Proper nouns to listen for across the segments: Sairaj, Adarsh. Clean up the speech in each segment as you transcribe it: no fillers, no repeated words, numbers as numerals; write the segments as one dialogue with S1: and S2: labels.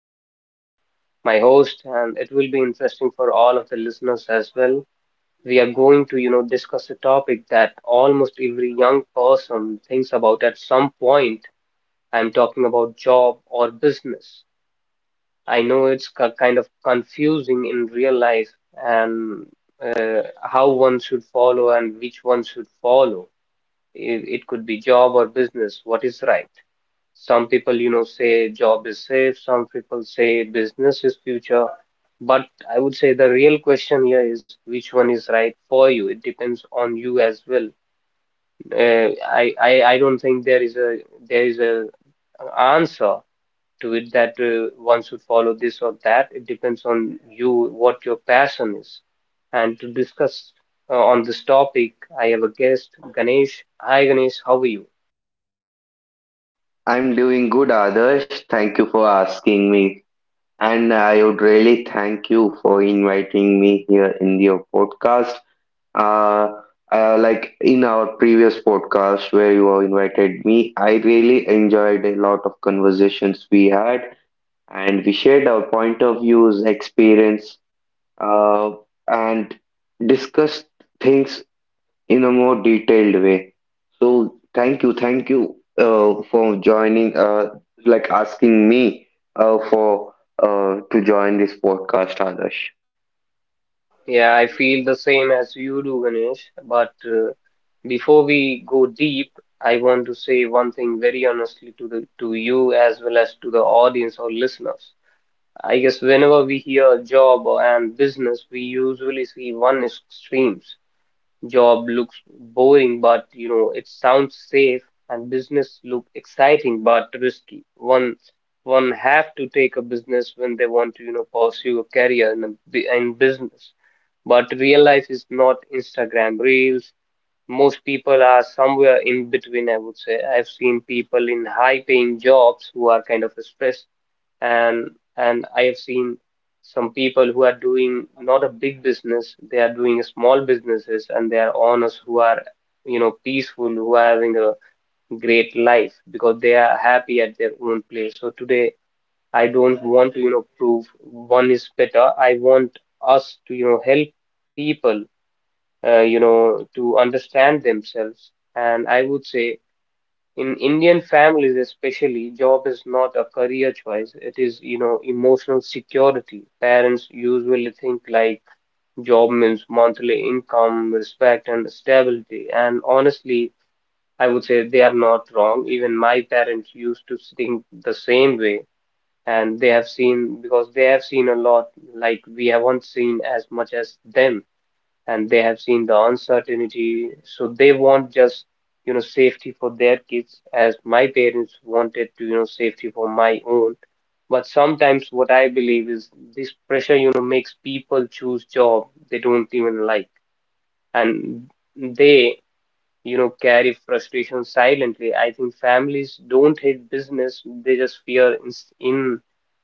S1: discuss with my host, and it will be interesting for all of the listeners as well. We are going to, you know, discuss a topic that almost every young person thinks about at some point. I'm talking about job or business. I know it's kind of confusing in real life and how one should follow and which one should follow. It could be job or business. What is right? Some people, you know, say job is safe. Some people say business is future. But I would say the real question here is which one is right for you. It depends on you as well. I don't think there is a answer to it that one should follow this or that. It depends on you what your passion is. And to discuss on this topic, I have a guest, Ganesh. Hi, Ganesh. How are you?
S2: I'm doing good, Adarsh. Thank you for asking me. And I would really thank you for inviting me here in your podcast. Uh, like in our previous podcast where you invited me, I really enjoyed a lot of conversations we had, and we shared our point of views, experience, uh, and discussed things in a more detailed way. So thank you for joining, like asking me for to join this podcast, Adarsh.
S1: Yeah, I feel the same as you do, Ganesh. But before we go deep, I want to say one thing very honestly to the to you as well as to the audience or listeners. I guess whenever we hear and business, we usually see one extremes. Job looks boring, but you know it sounds safe, and business look exciting but risky. One have to take a business when they want to you know pursue a career in in business but real life is not Instagram Reels. Most people are somewhere in between, I would say. I've seen people in high paying jobs who are kind of stressed and I have seen some people who are doing not a big business, they are doing small businesses and they are honest who are, you know, peaceful, who are having a great life because they are happy at their own place. So today I don't want to, you know, prove one is better. I want us to, you know, help people, you know, to understand themselves. And I would say in Indian families, especially, job is not a career choice. It is, you know, emotional security. Parents usually think like job means monthly income, respect, and stability. And honestly, I would say they are not wrong. Even my parents used to think the same way. And they have seen, because they have seen a lot, like we haven't seen as much as them and they have seen the uncertainty, so they want just you know safety for their kids, as my parents wanted to you know safety for my own. But sometimes what I believe is this pressure you know makes people choose job they don't even like, and they you know carry frustration silently. I think families don't hate business; they just fear in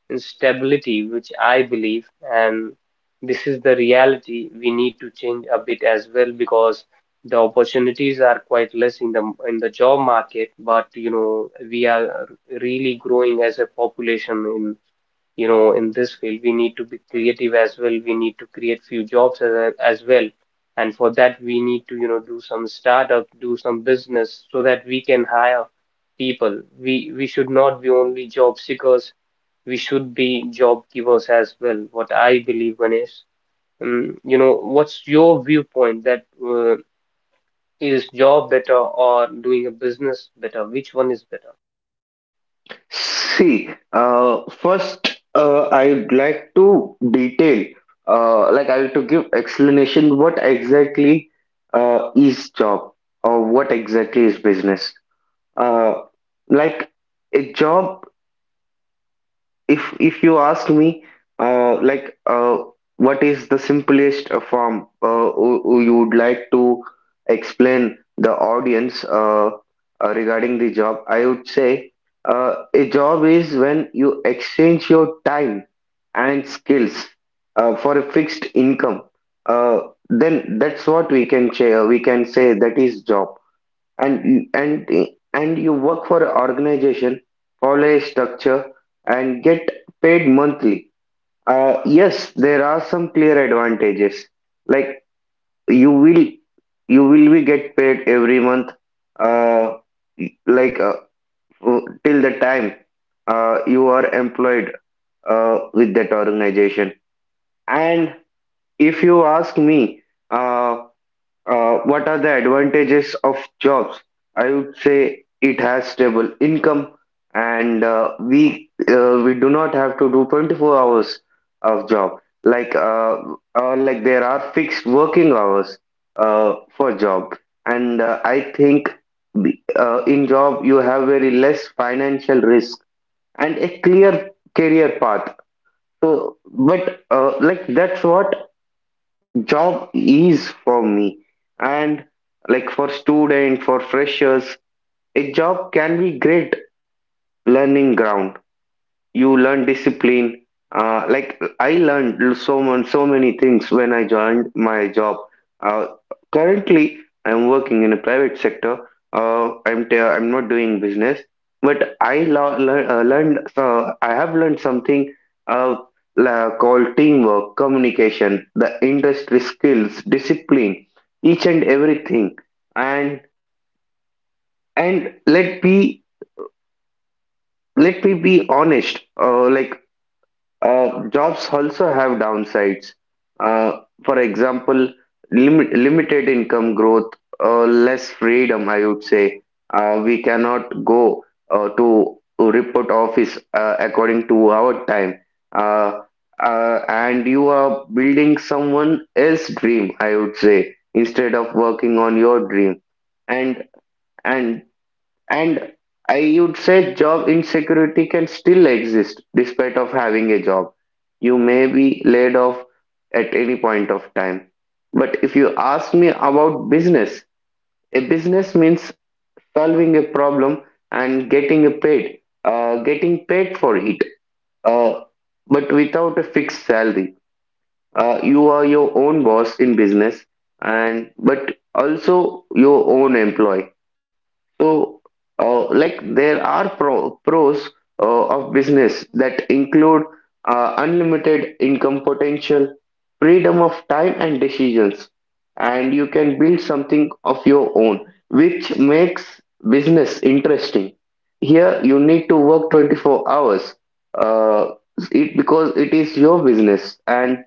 S1: instability, which I believe, and this is the reality we need to change a bit as well because the opportunities are quite less in the job market, but you know we are really growing as a population in you know in this field. We need to be creative as well. We need to create few jobs as well. And for that, we need to, you know, do some startup, do some business so that we can hire people. We should not be only job seekers, we should be job givers as well. What I believe, Ganesh, you know, what's your viewpoint that is job better or doing a business better? Which one is better?
S2: See, first I'd like to detail, like I'll to give explanation what exactly is job or what exactly is business. Uh, like a job, if you ask me, uh, like uh, what is the simplest form who you would like to explain the audience, regarding the job, I would say a job is when you exchange your time and skills for a fixed income uh, then that's what we can say, that is job. And and and you work for an organization, follow a structure, and get paid monthly. Yes, there are some clear advantages. Like you will you will be get paid every month. Uh, like uh, Till the time you are employed with that organization. And if you ask me. uh, what are the advantages of jobs? I would say it has stable income, and we do not have to do 24 hours of job. Like uh, like there are fixed working hours for job, and I think in job you have very less financial risk and a clear career path. So, but like that's what job is for me. And like for student, for freshers, a job can be great learning ground. You learn discipline. Like I learned so much, so many things when I joined my job. Uh, Currently, I'm working in a private sector. I'm not doing business, but I lo- lear- learned. So I have learned something uh, called teamwork, communication, the industry skills, discipline, each and everything. And and let me be honest. Jobs also have downsides. Uh, for example, limited income growth, less freedom, I would say. We cannot go uh, to to report office according to our time. Uh, and you are building someone else's dream, I would say, instead of working on your dream. And and and I would say job insecurity can still exist despite of having a job. You may be laid off at any point of time. But if you ask me about business, a business means solving a problem and getting a paid, getting paid for it, uh, but without a fixed salary. You are your own boss in business, and but also your own employee. So, there are pros of business that include unlimited income potential, freedom of time and decisions, and you can build something of your own, which makes business interesting. Here, you need to work 24 hours, uh, it, because it is your business, and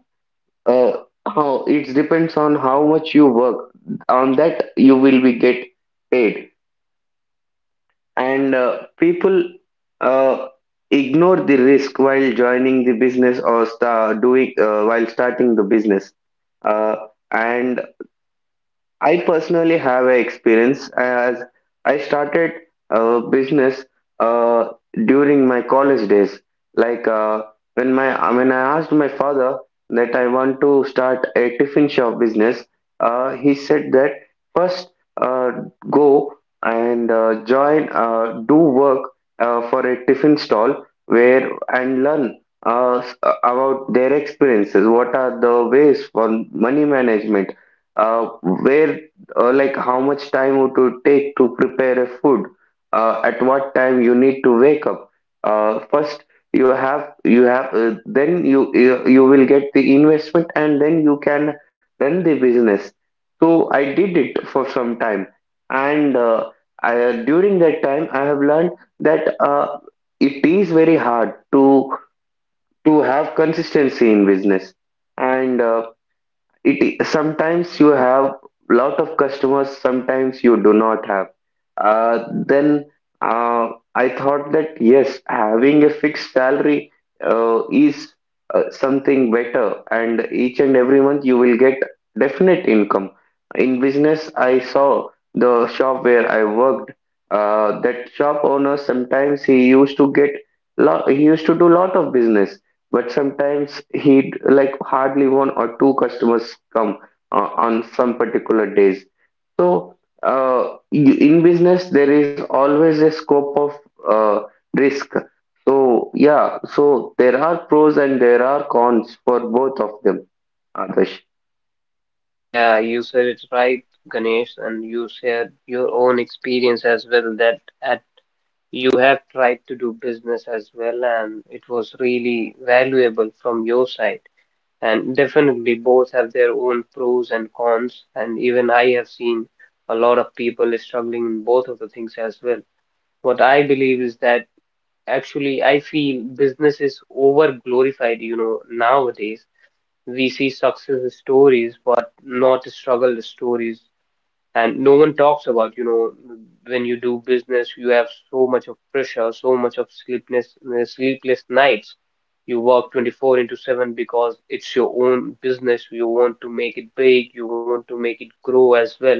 S2: uh, how it depends on how much you work. On that, you will be get paid. And people uh, ignore the risk while joining the business or sta doing while starting the business. Uh, and I personally have a experience as I started a business uh, during my college days. Like uh, when I asked my father that I want to start a tiffin shop business, he said that first uh, go and join, do work for a tiffin stall where, and learn uh, s- about their experiences. What are the ways for money management? Uh, where Like how much time would it take to prepare a food, at what time you need to wake up. First, you have then you will get the investment, and then you can run the business. So I did it for some time, and during that time I have learned that it is very hard to have consistency in business. And it sometimes you have lot of customers, sometimes you do not have. Uh, then uh, I thought that yes, having a fixed salary is something better, and each and every month you will get definite income. In business, I saw the shop where I worked. That shop owner sometimes he used to do lot of business, but sometimes he, like, hardly one or two customers come on some particular days. So in business there is always a scope of uh, risk. So yeah, so there are pros and there are cons for both of them, Adarsh.
S1: Yeah, you said it right, Ganesh, and you shared your own experience as well that at you have tried to do business as well, and it was really valuable from your side. And definitely, both have their own pros and cons. And even I have seen a lot of people struggling in both of the things as well. What I believe is that actually, I feel business is over glorified, you know, nowadays. We see success stories, but not struggle stories and no one talks about you know when you do business you have so much of pressure, so much of sleepless nights. You work 24 into 7 because it's your own business, you want to make it big, you want to make it grow as well,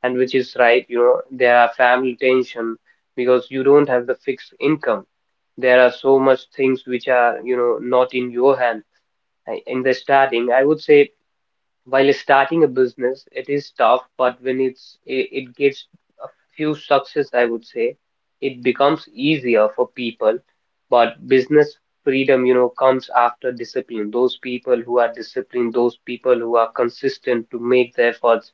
S1: and which is right, you know there are family tension because you don't have the fixed income. There are so much things which are you know not in your hand. In the starting I would say, while starting a business, it is tough, but when it gets few success, I would say, it becomes easier for people. But business freedom, you know, comes after discipline. Those people who are disciplined, those people who are consistent to make the efforts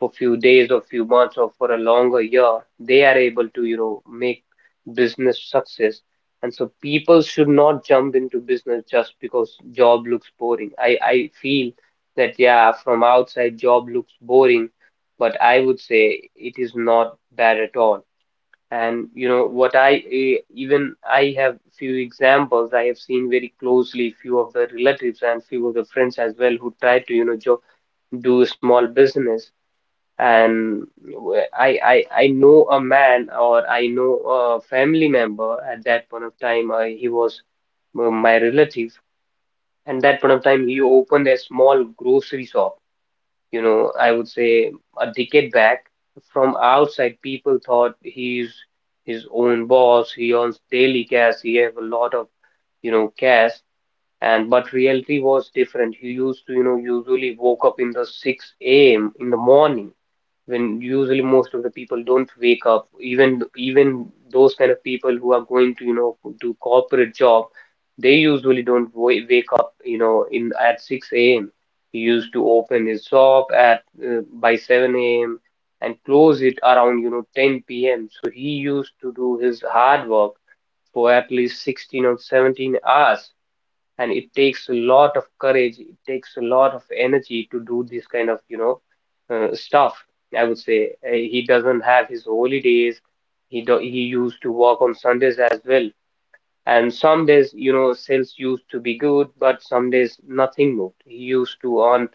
S1: for few days or few months or for a longer year, they are able to, you know, make business success. And so people should not jump into business just because job looks boring. I feel that yeah, from outside job looks boring, but I would say it is not bad at all. And you know what even I have few examples. I have seen very closely few of the relatives and few of the friends as well who tried to you know jo do a small business and I know a man or I know a family member. At that point of time he was my relative, and that point of time he opened a small grocery shop, you know I would say a decade back. From outside people thought he's his own boss, he earns daily cash, he have a lot of, you know, cash. And but reality was different. He used to you know usually woke up in the 6 a.m. in the morning when usually most of the people don't wake up. Even even those kind of people who are going to you know do corporate job, they usually don't wake up, you know, in at 6 a.m. He used to open his shop at by 7 a.m. and close it around you know 10 p.m. So he used to do his hard work for at least 16 or 17 hours, and it takes a lot of courage, it takes a lot of energy to do this kind of you know stuff, I would say. He doesn't have his holidays. He used to work on Sundays as well. And some days you know sales used to be good, but some days nothing moved. He used to earn,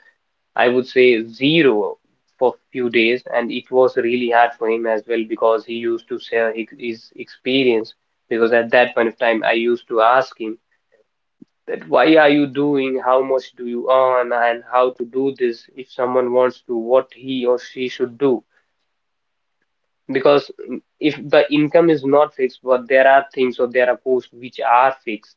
S1: I would say, zero for few days. And it was really hard for him as well because he used to share his experience. Because at that point of time I used to ask him that why are you doing, how much do you earn, and how to do this, if someone wants to, what he or she should do. Because, mm, if the income is not fixed, but there are things or there are costs which are fixed,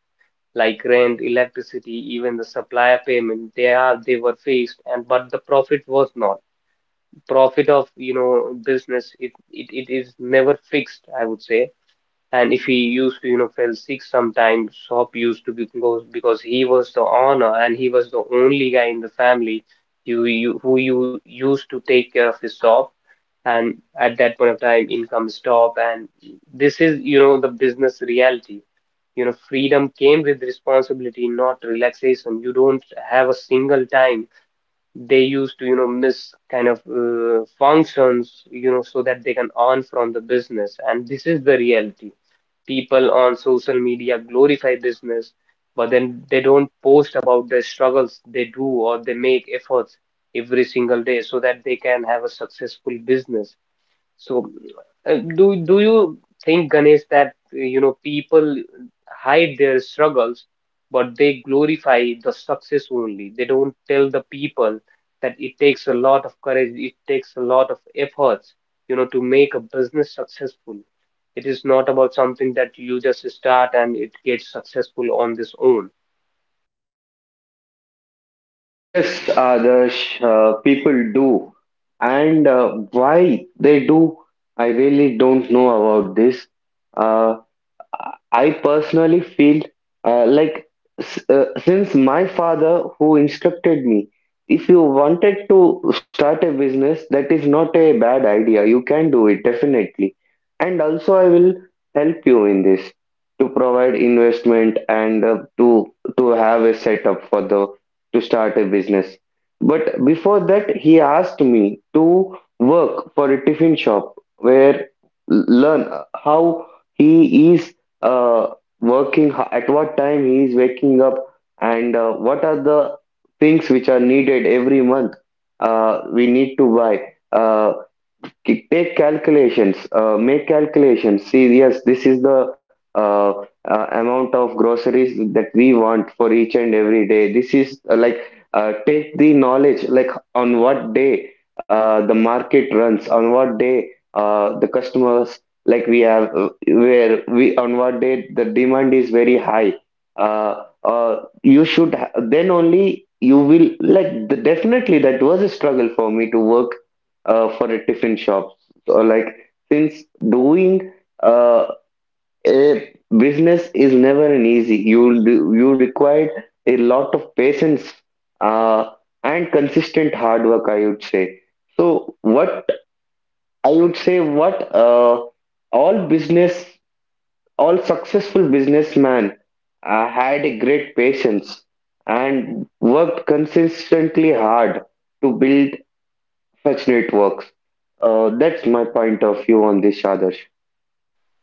S1: like rent, electricity, even the supplier payment, they were fixed, and but the profit was not. Profit of you know business, it is never fixed, I would say. And if he used to you know fell sick sometimes, Sop used to be close because he was the honor and he was the only guy in the family who you used to take care of his Sop. And at that point of time income stop. And this is you know the business reality. You know freedom came with responsibility, not relaxation. You don't have a single time. They used to you know miss kind of functions, you know, so that they can earn from the business. And this is the reality. People on social media glorify business, but then they don't post about the struggles they do or they make efforts every single day so that they can have a successful business. So, do you think, Ganesh, that you know people hide their struggles, but they glorify the success only? They don't tell the people that it takes a lot of courage, it takes a lot of efforts, you know, to make a business successful. It is not about something that you just start and it gets successful on this own.
S2: Yes, Adarsh, people do. And why they do, I really don't know about this. Uh, I personally feel uh, like since my father who instructed me, if you wanted to start a business, that is not a bad idea. You can do it definitely. And also, I will help you in this, to provide investment and to have a setup for the to start a business. But before that, he asked me to work for a tiffin shop where learn how he is uh, working, at what time he is waking up, and what are the things which are needed every month we need to buy. Uh, Take calculations, make calculations. See, yes, this is the uh, amount of groceries that we want for each and every day. This is, take the knowledge, like on what day the market runs, on what day the customers, like we have, where we, on what day the demand is very high. Uh, uh, you should then only you will like the, definitely that was a struggle for me to work for a tiffin shop. So, like, since doing uh, a business is never an easy. You require a lot of patience uh, and consistent hard work. I would say. So what I would say, what all business, all successful businessman had a great patience and worked consistently hard to build such networks. That's my point of view on this, Adarsh.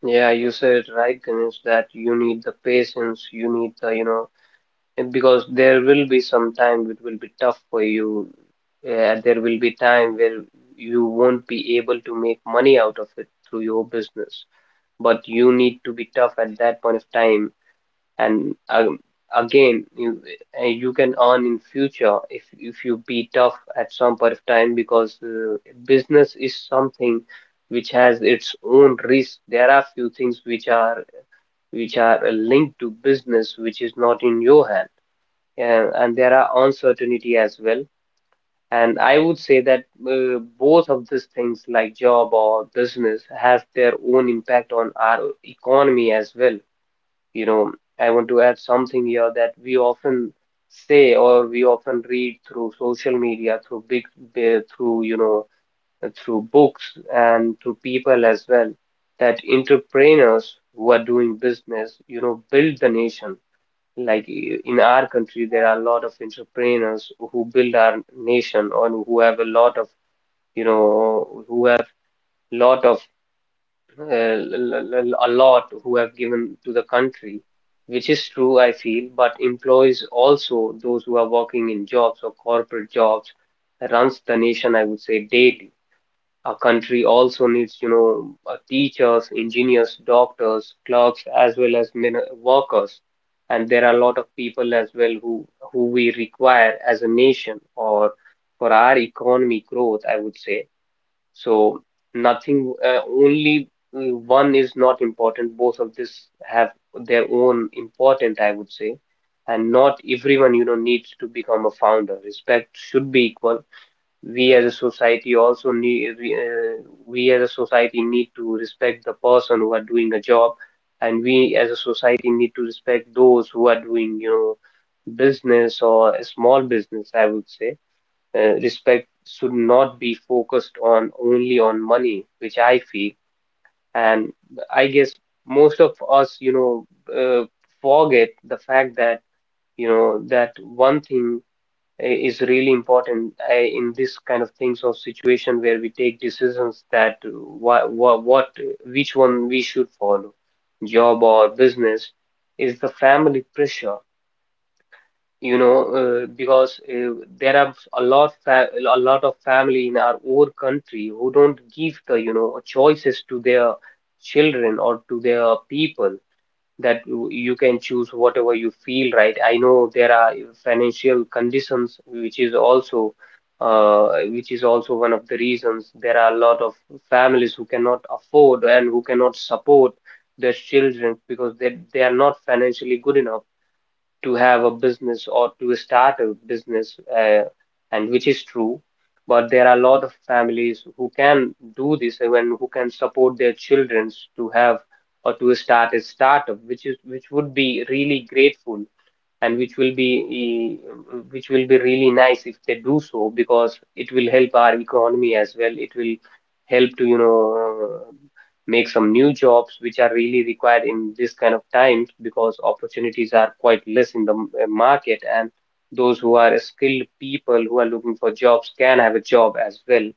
S1: Yeah, you said it right, Ganesh, that you need the patience, you need the, you know. And because there will be some time it will be tough for you. There will be time where you won't be able to make money out of it through your business. But you need to be tough at that point of time. And again, you you can earn in future if you be tough at some point of time because business is something which has its own risk. There are few things which are linked to business which is not in your hand, and there are uncertainty as well. And I would say that both of these things, like job or business, has their own impact on our economy as well. You know, I want to add something here that we often say or we often read through social media, through big, through, you know, through books and through people as well, that entrepreneurs who are doing business, you know, build the nation like in our country, there are a lot of entrepreneurs who build our nation or who have a lot of, you know, who have lot of a lot who have given to the country, which is true, I feel. But employs also those who are working in jobs or corporate jobs runs the nation, I would say, daily. A country also needs, you know, teachers, engineers, doctors, clerks, as well as min workers. And there are a lot of people as well who we require as a nation or for our economy growth, I would say. So nothing, only one is not important. Both of this have their own important, I would say. And not everyone, you know, needs to become a founder. Respect should be equal. We as a society also need we as a society need to respect the person who are doing a job, and we as a society need to respect those who are doing, you know, business or a small business, I would say. Uh, respect should not be focused on only on money, which I feel. And I guess most of us, you know, uh, forget the fact that, you know, that one thing is really important in this kind of things or situation where we take decisions, that what which one we should follow, job or business, is the family pressure. You know, because there are a lot of family in our own country who don't give the, you know, choices to their children or to their people, that you can choose whatever you feel right. I know there are financial conditions, which is also one of the reasons. There are a lot of families who cannot afford and who cannot support their children because they are not financially good enough to have a business or to start a business, and which is true. But there are a lot of families who can do this and who can support their children to have or to start a startup, which is which would be really grateful and which will be which will be really nice if they do so, because it will help our economy as well. It will help to, you know, make some new jobs which are really required in this kind of times because opportunities are quite less in the market, and those who are skilled people who are looking for jobs can have a job as well,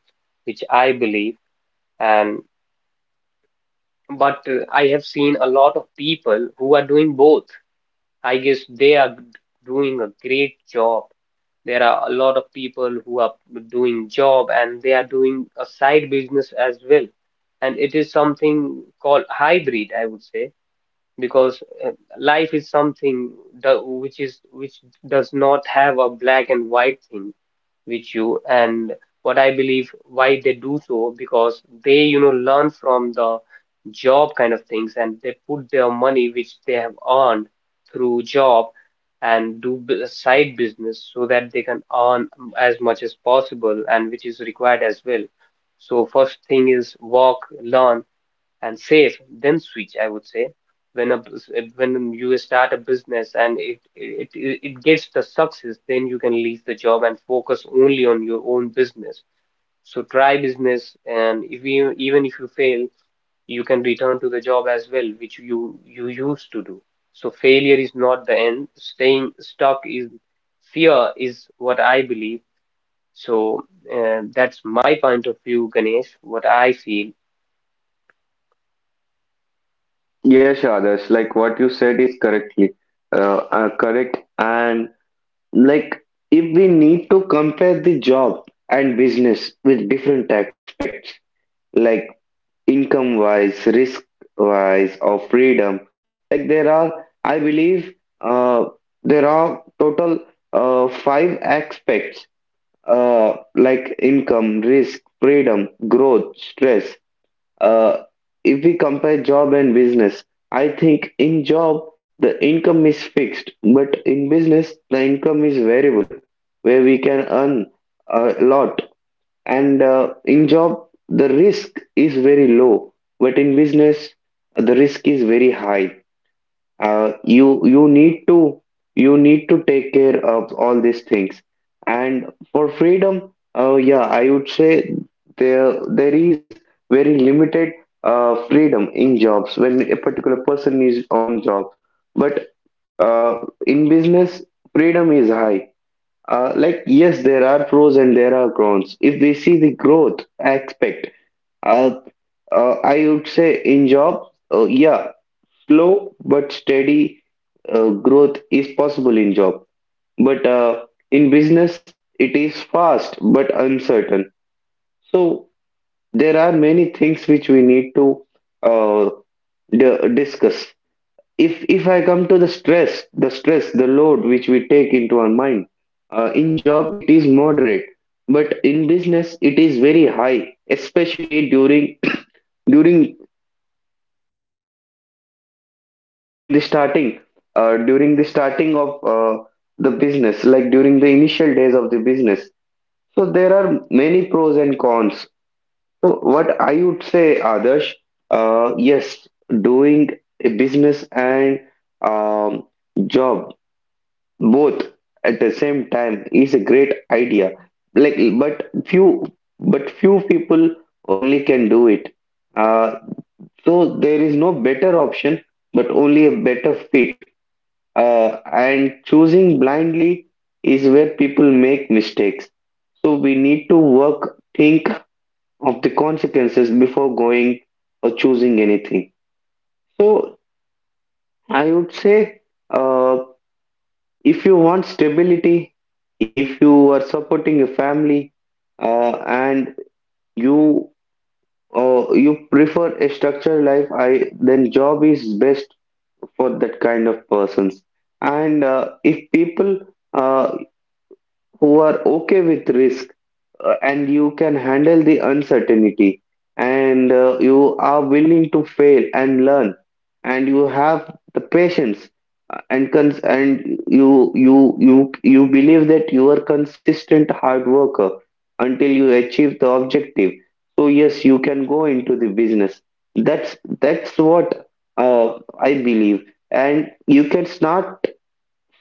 S1: which I believe. And but I have seen a lot of people who are doing both. I guess they are doing a great job. There are a lot of people who are doing job and they are doing a side business as well. And it is something called hybrid, I would say, because life is something which is which does not have a black and white thing with you. And what I believe why they do so, because they, you know, learn from the job kind of things and they put their money which they have earned through job and do side business so that they can earn as much as possible, and which is required as well. So first thing is work, learn, and save, then switch, I would say. When a when you start a business and it gets the success, then you can leave the job and focus only on your own business. So try business, and if you, even if you fail, you can return to the job as well which you used to do. So failure is not the end, staying stuck is. Fear is what I believe. So that's my point of view, Ganesh, what I feel.
S2: Yes, Adarsh, like what you said is correctly correct. And like, if we need to compare the job and business with different aspects, like income wise, risk wise, or freedom, like there are, I believe, uh, there are total five aspects, like income, risk, freedom, growth, stress. Uh, if we compare job and business, I think in job the income is fixed, but in business the income is variable, where we can earn a lot. And in job the risk is very low, but in business the risk is very high. You need to take care of all these things. And for freedom, yeah, I would say there is very limited freedom in jobs when a particular person is on job. But uh, in business freedom is high. Like, yes, there are pros and there are cons. If we see the growth aspect, uh, I would say in job, yeah, slow but steady growth is possible in job. But in business it is fast but uncertain. So there are many things which we need to uh, discuss. If I come to the stress, the load which we take into our mind, in job it is moderate, but in business it is very high, especially during during during the starting, of the business, like during the initial days of the business. So there are many pros and cons. So what I would say, Adarsh, yes, doing a business and um, job both at the same time is a great idea. Like but few but few people only can do it. uh, so there is no better option, but only a better fit. And choosing blindly is where people make mistakes. So we need to work, think of the consequences before going or choosing anything. So I would say, uh, if you want stability, if you are supporting a family, and you you prefer a structured life, I then job is best for that kind of persons. And if people uh, who are okay with risk and you can handle the uncertainty, and you are willing to fail and learn, and you have the patience , and you believe that you are consistent hard worker until you achieve the objective. So yes, you can go into the business. That's what uh, I believe. And you can start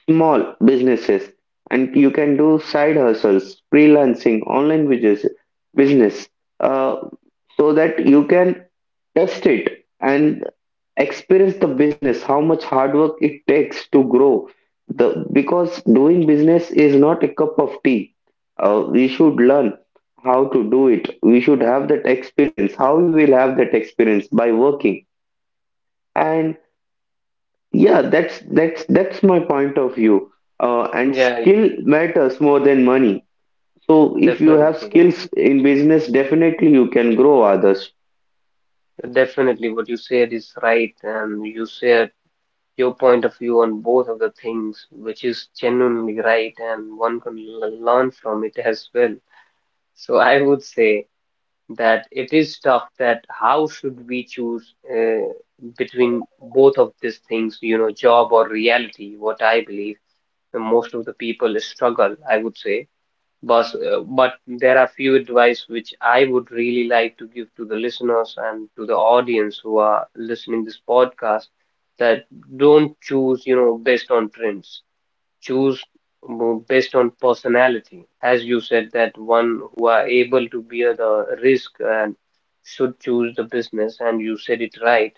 S2: small businesses, and you can do side hustles, freelancing, online business, uh, so that you can test it and experience the business, how much hard work it takes to grow the, because doing business is not a cup of tea. We should learn how to do it. We should have that experience. How we will have that experience? By working. And. Yeah, that's my point of view. And
S1: Yeah,
S2: skill matters more than money. So if you have
S1: definitely, Ganesh.
S2: skills in business, definitely you can grow others.
S1: Definitely, what you said is right, and you said your point of view on both of the things, which is genuinely right, and one can learn from it as well. So I would say that it is tough, that how should we choose between both of these things, you know, job or reality. What I believe, most of the people struggle, I would say. But but there are few advice which I would really like to give to the listeners and to the audience who are listening this podcast, that don't choose, you know, based on trends. Choose based on personality. As you said, that one who are able to bear the risk and should choose the business, and you said it right.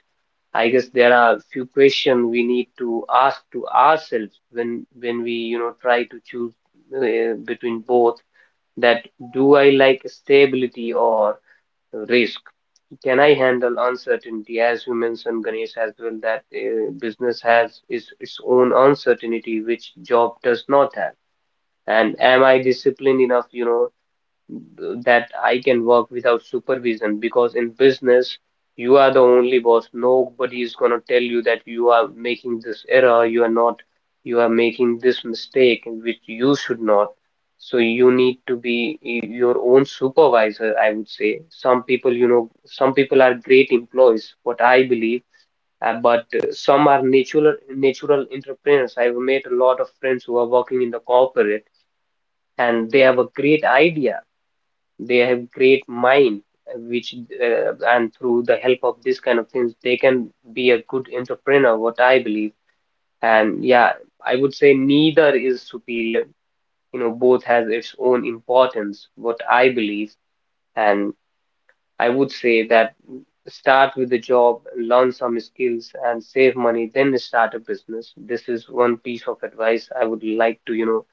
S1: I guess there are few questions we need to ask to ourselves when we, you know, try to choose between both, that do I like stability or risk? Can I handle uncertainty? As you mentioned, Ganesh, as well, that business has its own uncertainty, which job does not have. And am I disciplined enough, you know, that I can work without supervision, because in business you are the only boss. Nobody is gonna tell you that you are making this error, you are not, you are making this mistake, which you should not. So you need to be your own supervisor, I would say. Some people, you know, some people are great employees, what I believe, but some are natural entrepreneurs. I've made a lot of friends who are working in the corporate and they have a great idea, they have great mind, which and through the help of this kind of things they can be a good entrepreneur, what I believe. And yeah, I would say neither is superior, you know, both has its own importance, what I believe. And I would say that start with a job, learn some skills, and save money, then start a business. This is one piece of advice I would like to, you know,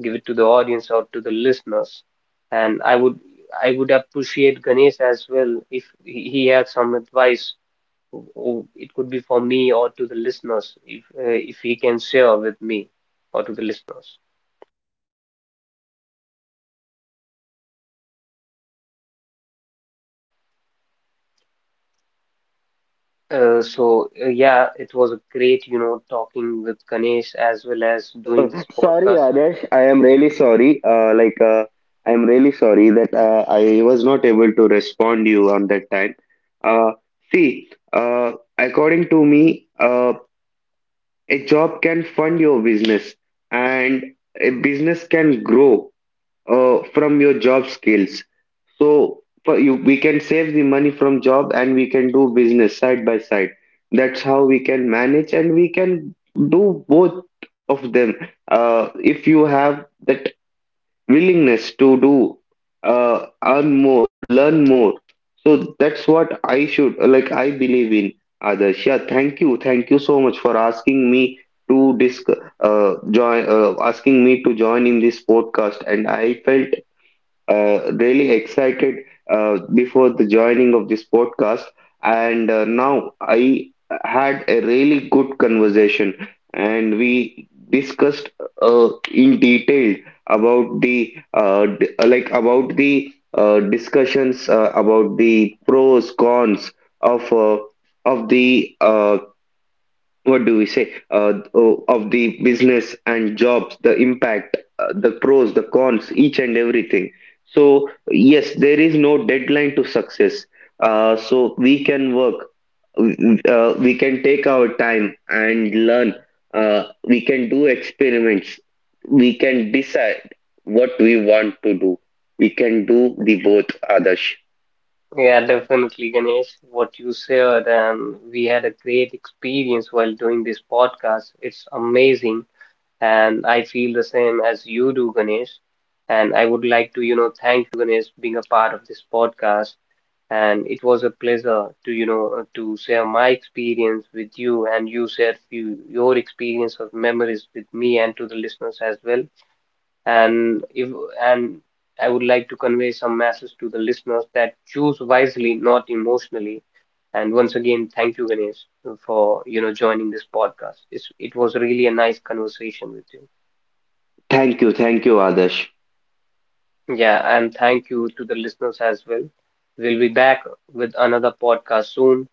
S1: give it to the audience or to the listeners. And I would appreciate Ganesh as well if he had some advice. It could be for me or to the listeners, if he can share with me or to the listeners. So yeah, it was a great, you know, talking with Ganesh as well as
S2: So,
S1: doing this
S2: sorry,
S1: podcast.
S2: Adesh, I am really sorry. I am really sorry that I was not able to respond you on that time. Uh, see, uh, according to me, a job can fund your business, and a business can grow from your job skills. So for you, we can save the money from job and we can do business side by side. That's how we can manage and we can do both of them. If you have that willingness to do, earn more, learn more. So that's what I should like. I believe in others. Yeah, thank you so much for asking me to disc join, asking me to join in this podcast. And I felt really excited before the joining of this podcast, and now I had a really good conversation, and we discussed in detail about the discussions about the pros cons of uh, of the what do we say, of the business and jobs, the impact, the pros, the cons, each and everything. So yes, there is no deadline to success. So we can work, we can take our time and learn. We can do experiments, we can decide what we want to do, we can do the both, Adarsh.
S1: Yeah, definitely, Ganesh, what you said, and we had a great experience while doing this podcast. It's amazing, and I feel the same as you do, Ganesh. And I would like to, you know, thank you, Ganesh, being a part of this podcast. And it was a pleasure to, you know, to share my experience with you, and you shared few, your experience of memories with me and to the listeners as well. And if and I would like to convey some message to the listeners that choose wisely, not emotionally. And once again, thank you, Ganesh, for, you know, joining this podcast. It was really a nice conversation with you.
S2: Thank you, Adarsh.
S1: Yeah, and thank you to the listeners as well. We'll be back with another podcast soon.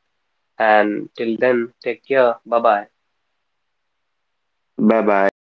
S1: And till then, take care. Bye bye.
S2: Bye bye.